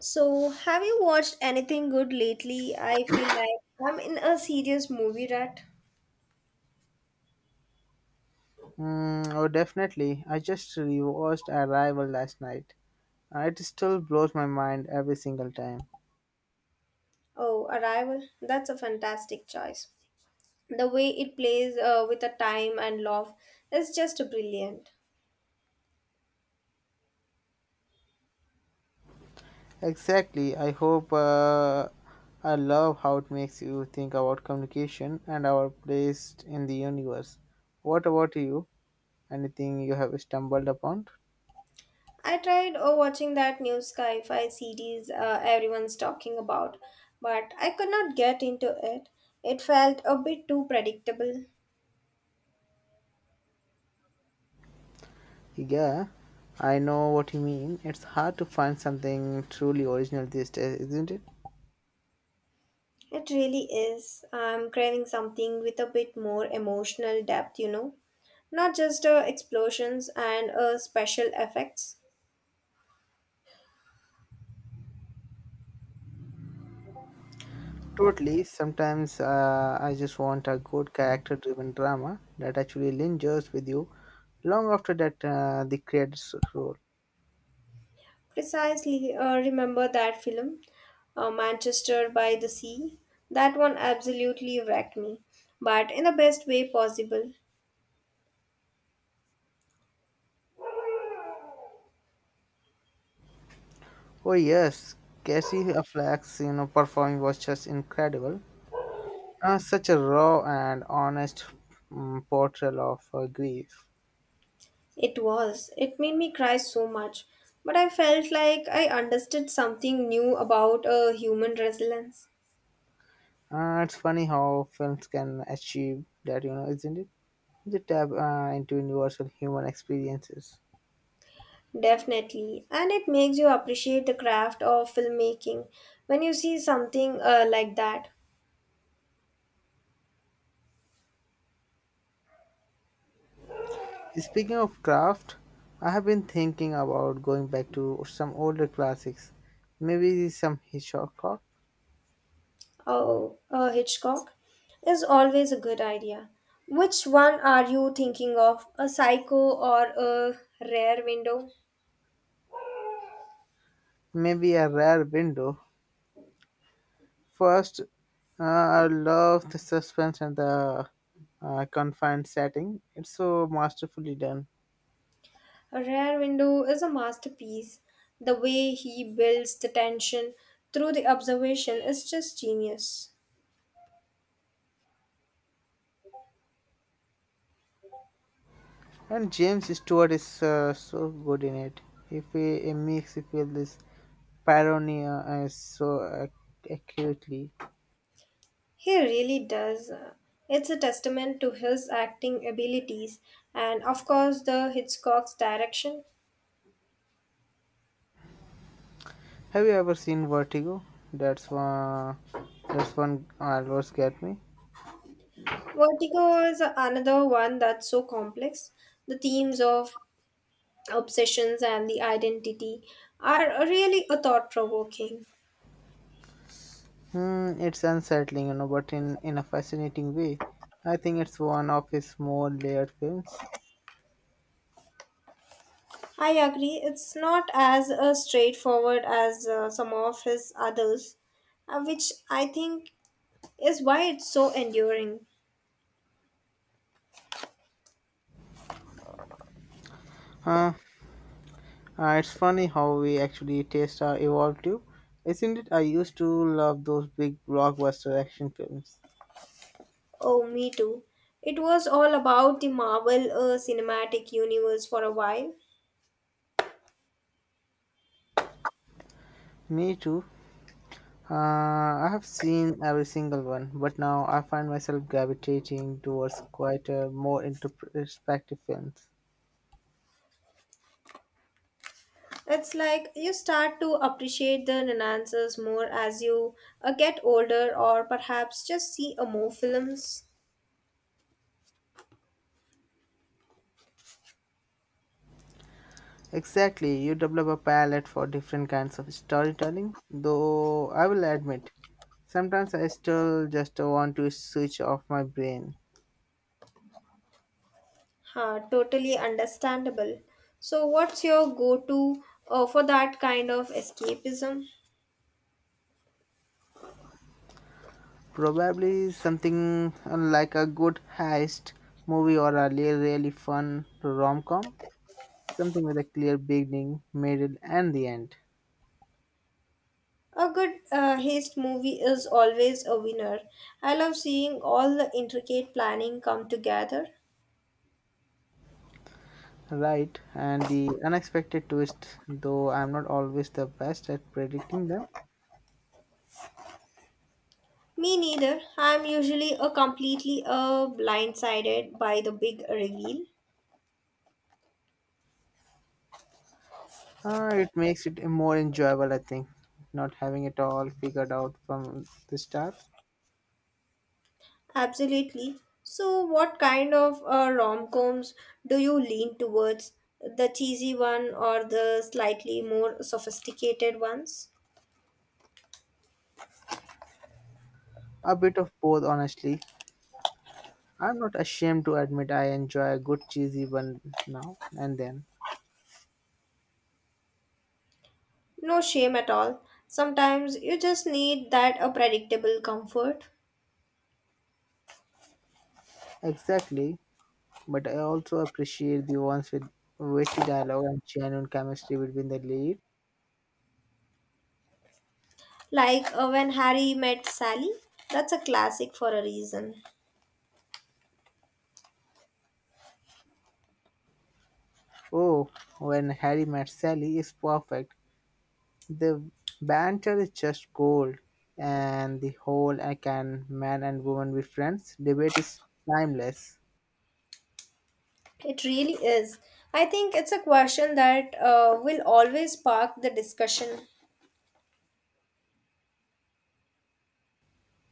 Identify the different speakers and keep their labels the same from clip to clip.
Speaker 1: So, have you watched anything good lately? I feel like I'm in a serious movie rut.
Speaker 2: Mm, oh, definitely. I just rewatched Arrival last night. It still blows my mind every single time.
Speaker 1: Oh, Arrival. That's a fantastic choice. The way it plays with the time and love is just brilliant.
Speaker 2: Exactly. I love how it makes you think about communication and our place in the universe. What about you? Anything you have stumbled upon?
Speaker 1: I tried watching that new sci-fi series everyone's talking about, but I could not get into it. It felt a bit too predictable.
Speaker 2: Yeah, I know what you mean. It's hard to find something truly original these days, isn't it?
Speaker 1: It really is. I'm craving something with a bit more emotional depth, you know. Not just explosions and special effects.
Speaker 2: Totally. Sometimes, I just want a good character driven drama that actually lingers with you long after that the credits roll.
Speaker 1: Precisely, remember that film, Manchester by the Sea? That one absolutely wrecked me, but in the best way possible.
Speaker 2: Oh, yes. Cassie Affleck's performing was just incredible. Such a raw and honest portrayal of her grief.
Speaker 1: It was. It made me cry so much, but I felt like I understood something new about human resilience.
Speaker 2: It's funny how films can achieve that, you know, isn't it? They tap into universal human experiences.
Speaker 1: Definitely. And it makes you appreciate the craft of filmmaking when you see something like that.
Speaker 2: Speaking of craft, I have been thinking about going back to some older classics. Maybe some Hitchcock,
Speaker 1: Oh, Hitchcock is always a good idea. Which one are you thinking of? A psycho or a rare window?
Speaker 2: maybe a rare window. First, uh, I love the suspense and the confined setting. It's so masterfully done.
Speaker 1: A rare window is a masterpiece. The way he builds the tension through the observation is just genius.
Speaker 2: And James Stewart is so good in it. If he, he makes you feel this paranoia so accurately.
Speaker 1: He really does. It's a testament to his acting abilities and, of course, the Hitchcock's direction.
Speaker 2: Have you ever seen Vertigo? That's one. That's one always get me.
Speaker 1: Vertigo is another one that's so complex. The themes of obsessions and the identity are really a thought provoking.
Speaker 2: Hmm, it's unsettling, you know, but in a fascinating way. I think it's one of his more layered films.
Speaker 1: I agree, it's not as straightforward as some of his others, which I think is why it's so enduring.
Speaker 2: Huh? It's funny how we actually taste are evolved to, isn't it? I used to love those big blockbuster action films.
Speaker 1: Oh, me too. It was all about the Marvel Cinematic Universe for a while.
Speaker 2: Me too. I have seen every single one, but now I find myself gravitating towards quite a more introspective films.
Speaker 1: It's like you start to appreciate the nuances more as you get older, or perhaps just see a more films.
Speaker 2: Exactly, you develop a palette for different kinds of storytelling, though I will admit, sometimes I still just want to switch off my brain.
Speaker 1: Huh, totally understandable. So, what's your go-to for that kind of escapism?
Speaker 2: Probably something like a good heist movie or a really, really fun rom com, something with a clear beginning, middle, and the end.
Speaker 1: A good heist movie is always a winner. I love seeing all the intricate planning come together.
Speaker 2: Right, and the unexpected twist, though I'm not always the best at predicting them.
Speaker 1: Me neither. I'm usually a completely blindsided by the big reveal.
Speaker 2: It makes it more enjoyable, I think, not having it all figured out from the start.
Speaker 1: Absolutely. So, what kind of rom-coms do you lean towards? The cheesy one or the slightly more sophisticated ones?
Speaker 2: A bit of both, honestly. I'm not ashamed to admit I enjoy a good cheesy one now and then.
Speaker 1: No shame at all. Sometimes you just need that a predictable comfort.
Speaker 2: Exactly, but I also appreciate the ones with witty dialogue and genuine chemistry between the lead.
Speaker 1: Like when Harry met Sally. That's a classic for a reason.
Speaker 2: Oh, when Harry met Sally is perfect. The banter is just gold, and the whole I can man and woman be friends debate is timeless.
Speaker 1: It really is. I think it's a question that will always spark the discussion.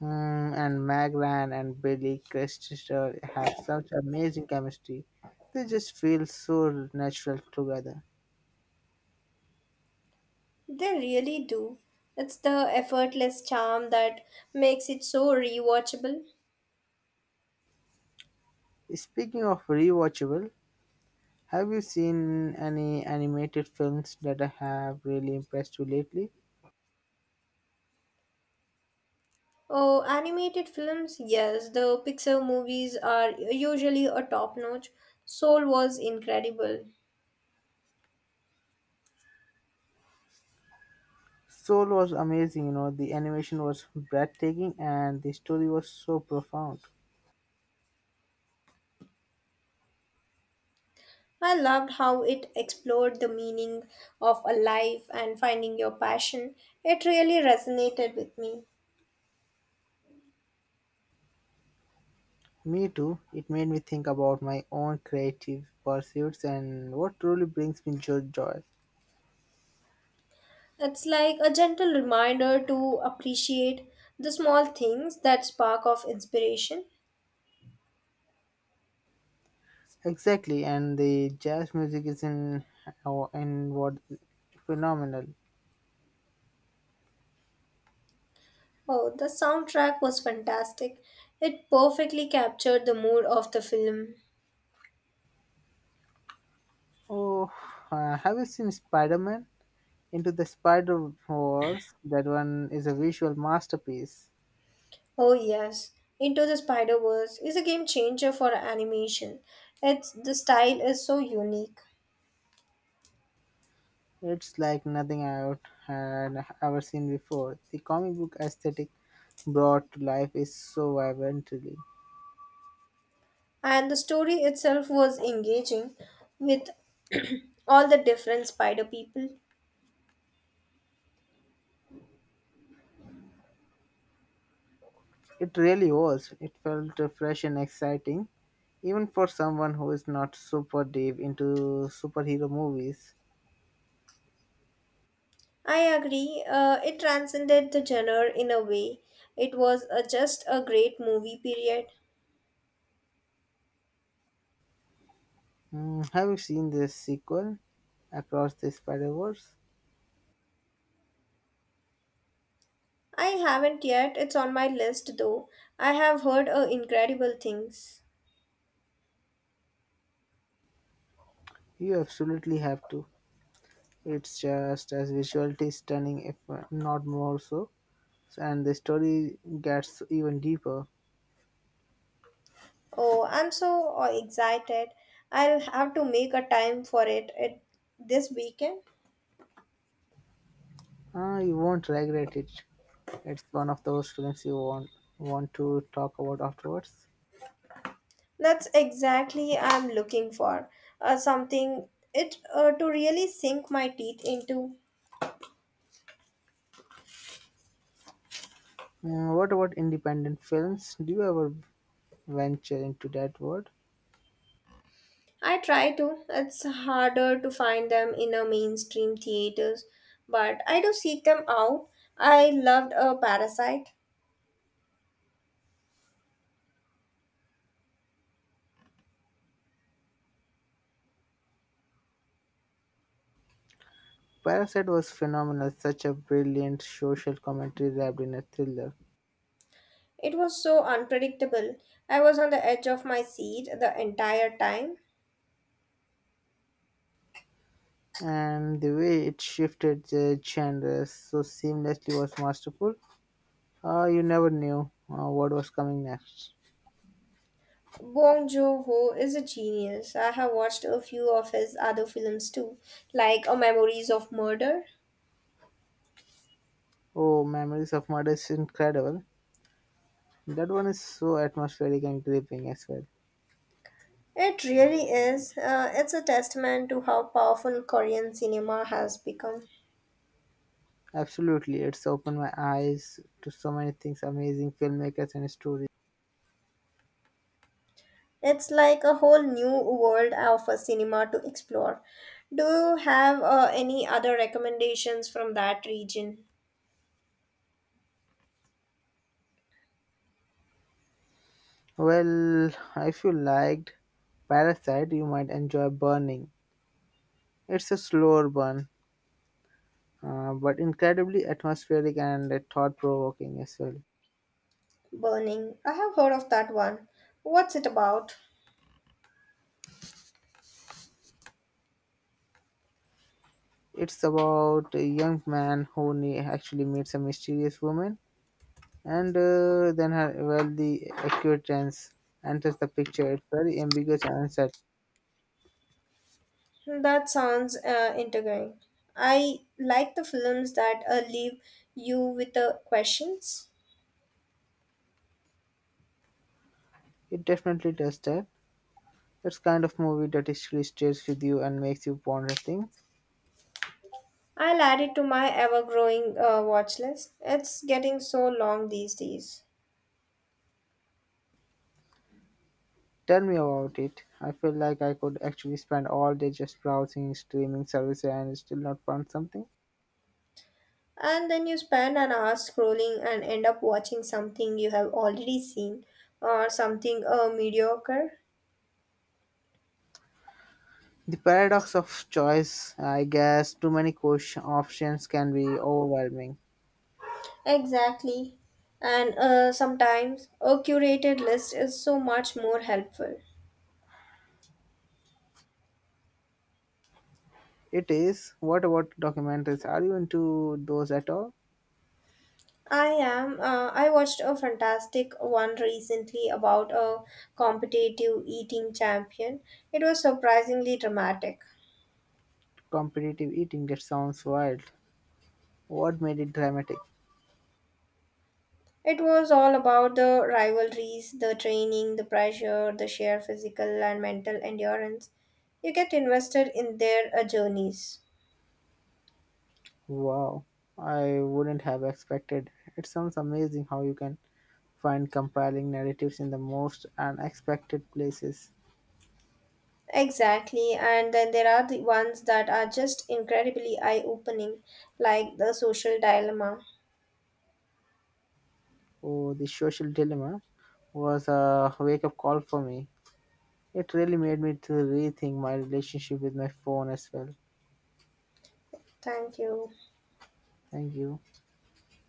Speaker 2: Mm, and Magran and Billy Crystal have such amazing chemistry. They just feel so natural together.
Speaker 1: They really do. It's the effortless charm that makes it so rewatchable.
Speaker 2: Speaking of rewatchable, have you seen any animated films that have really impressed you lately?
Speaker 1: Oh, animated films, yes, the Pixar movies are usually a top notch. Soul was incredible.
Speaker 2: Soul was amazing, you know, the animation was breathtaking and the story was so profound.
Speaker 1: I loved how it explored the meaning of a life and finding your passion. It really resonated with me.
Speaker 2: Me too, it made me think about my own creative pursuits and what truly brings me joy.
Speaker 1: It's like a gentle reminder to appreciate the small things that spark of inspiration.
Speaker 2: Exactly, and the jazz music is in oh, in what phenomenal.
Speaker 1: Oh, the soundtrack was fantastic. It perfectly captured the mood of the film.
Speaker 2: Oh, have you seen Spider Man Into the Spider Verse? That one is a visual masterpiece.
Speaker 1: Oh, yes. Into the Spider Verse is a game changer for animation. It's, the style is so unique.
Speaker 2: It's like nothing I had ever seen before. The comic book aesthetic brought to life is so vibrantly.
Speaker 1: And the story itself was engaging with all the different spider people.
Speaker 2: It really was. It felt fresh and exciting, even for someone who is not super deep into superhero movies.
Speaker 1: I agree. It transcended the genre in a way. It was just a great movie, period.
Speaker 2: Hmm, have you seen this sequel, Across the Spider Verse?
Speaker 1: I haven't yet. It's on my list, though. I have heard incredible things.
Speaker 2: You absolutely have to. It's just as visually stunning, if not more so. And the story gets even deeper.
Speaker 1: Oh, I'm so excited. I'll have to make a time for it, this weekend.
Speaker 2: Ah, you won't regret it. It's one of those films you want to talk about afterwards.
Speaker 1: That's exactly I'm looking for. Something it to really sink my teeth into.
Speaker 2: Hmm, what about independent films? Do you ever venture into that world?
Speaker 1: I try to. It's harder to find them in a mainstream theaters, but I do seek them out. I loved a parasite.
Speaker 2: Parasite was phenomenal, such a brilliant social commentary wrapped in a thriller.
Speaker 1: It was so unpredictable. I was on the edge of my seat the entire time.
Speaker 2: And the way it shifted the genres so seamlessly was masterful. You never knew what was coming next.
Speaker 1: Bong Joon-ho is a genius. I have watched a few of his other films too, like A Memories of Murder.
Speaker 2: Oh, Memories of Murder is incredible. That one is so atmospheric and gripping as well.
Speaker 1: It really is. It's a testament to how powerful Korean cinema has become.
Speaker 2: Absolutely, it's opened my eyes to so many things, amazing filmmakers and stories.
Speaker 1: It's like a whole new world of a cinema to explore. Do you have any other recommendations from that region?
Speaker 2: Well, if you liked Parasite, you might enjoy Burning. It's a slower burn, but incredibly atmospheric and thought provoking as well.
Speaker 1: Burning. I have heard of that one. What's it about?
Speaker 2: It's about a young man who actually meets a mysterious woman, and then her wealthy acquaintance enters the picture. It's very ambiguous and uncertain.
Speaker 1: That sounds intriguing. I like the films that leave you with the questions.
Speaker 2: It definitely does that. It's kind of movie that actually stays with you and makes you ponder things.
Speaker 1: I'll add it to my ever growing watch list. It's getting so long these days.
Speaker 2: Tell me about it. I feel like I could actually spend all day just browsing streaming services and still not find something.
Speaker 1: And then you spend an hour scrolling and end up watching something you have already seen or something mediocre.
Speaker 2: The paradox of choice, I guess, too many question options can be overwhelming.
Speaker 1: Exactly. And sometimes a curated list is so much more helpful.
Speaker 2: It is. What about documentaries? Are you into those at all?
Speaker 1: I am. I watched a fantastic one recently about a competitive eating champion. It was surprisingly dramatic.
Speaker 2: Competitive eating, that sounds wild. What made it dramatic?
Speaker 1: It was all about the rivalries, the training, the pressure, the sheer physical and mental endurance. You get invested in their journeys.
Speaker 2: Wow, I wouldn't have expected. It sounds amazing how you can find compelling narratives in the most unexpected places.
Speaker 1: Exactly, and then there are the ones that are just incredibly eye opening, like the social dilemma.
Speaker 2: Oh, the social dilemma was a wake up call for me. It really made me to rethink my relationship with my phone as well.
Speaker 1: Thank you.
Speaker 2: Thank you.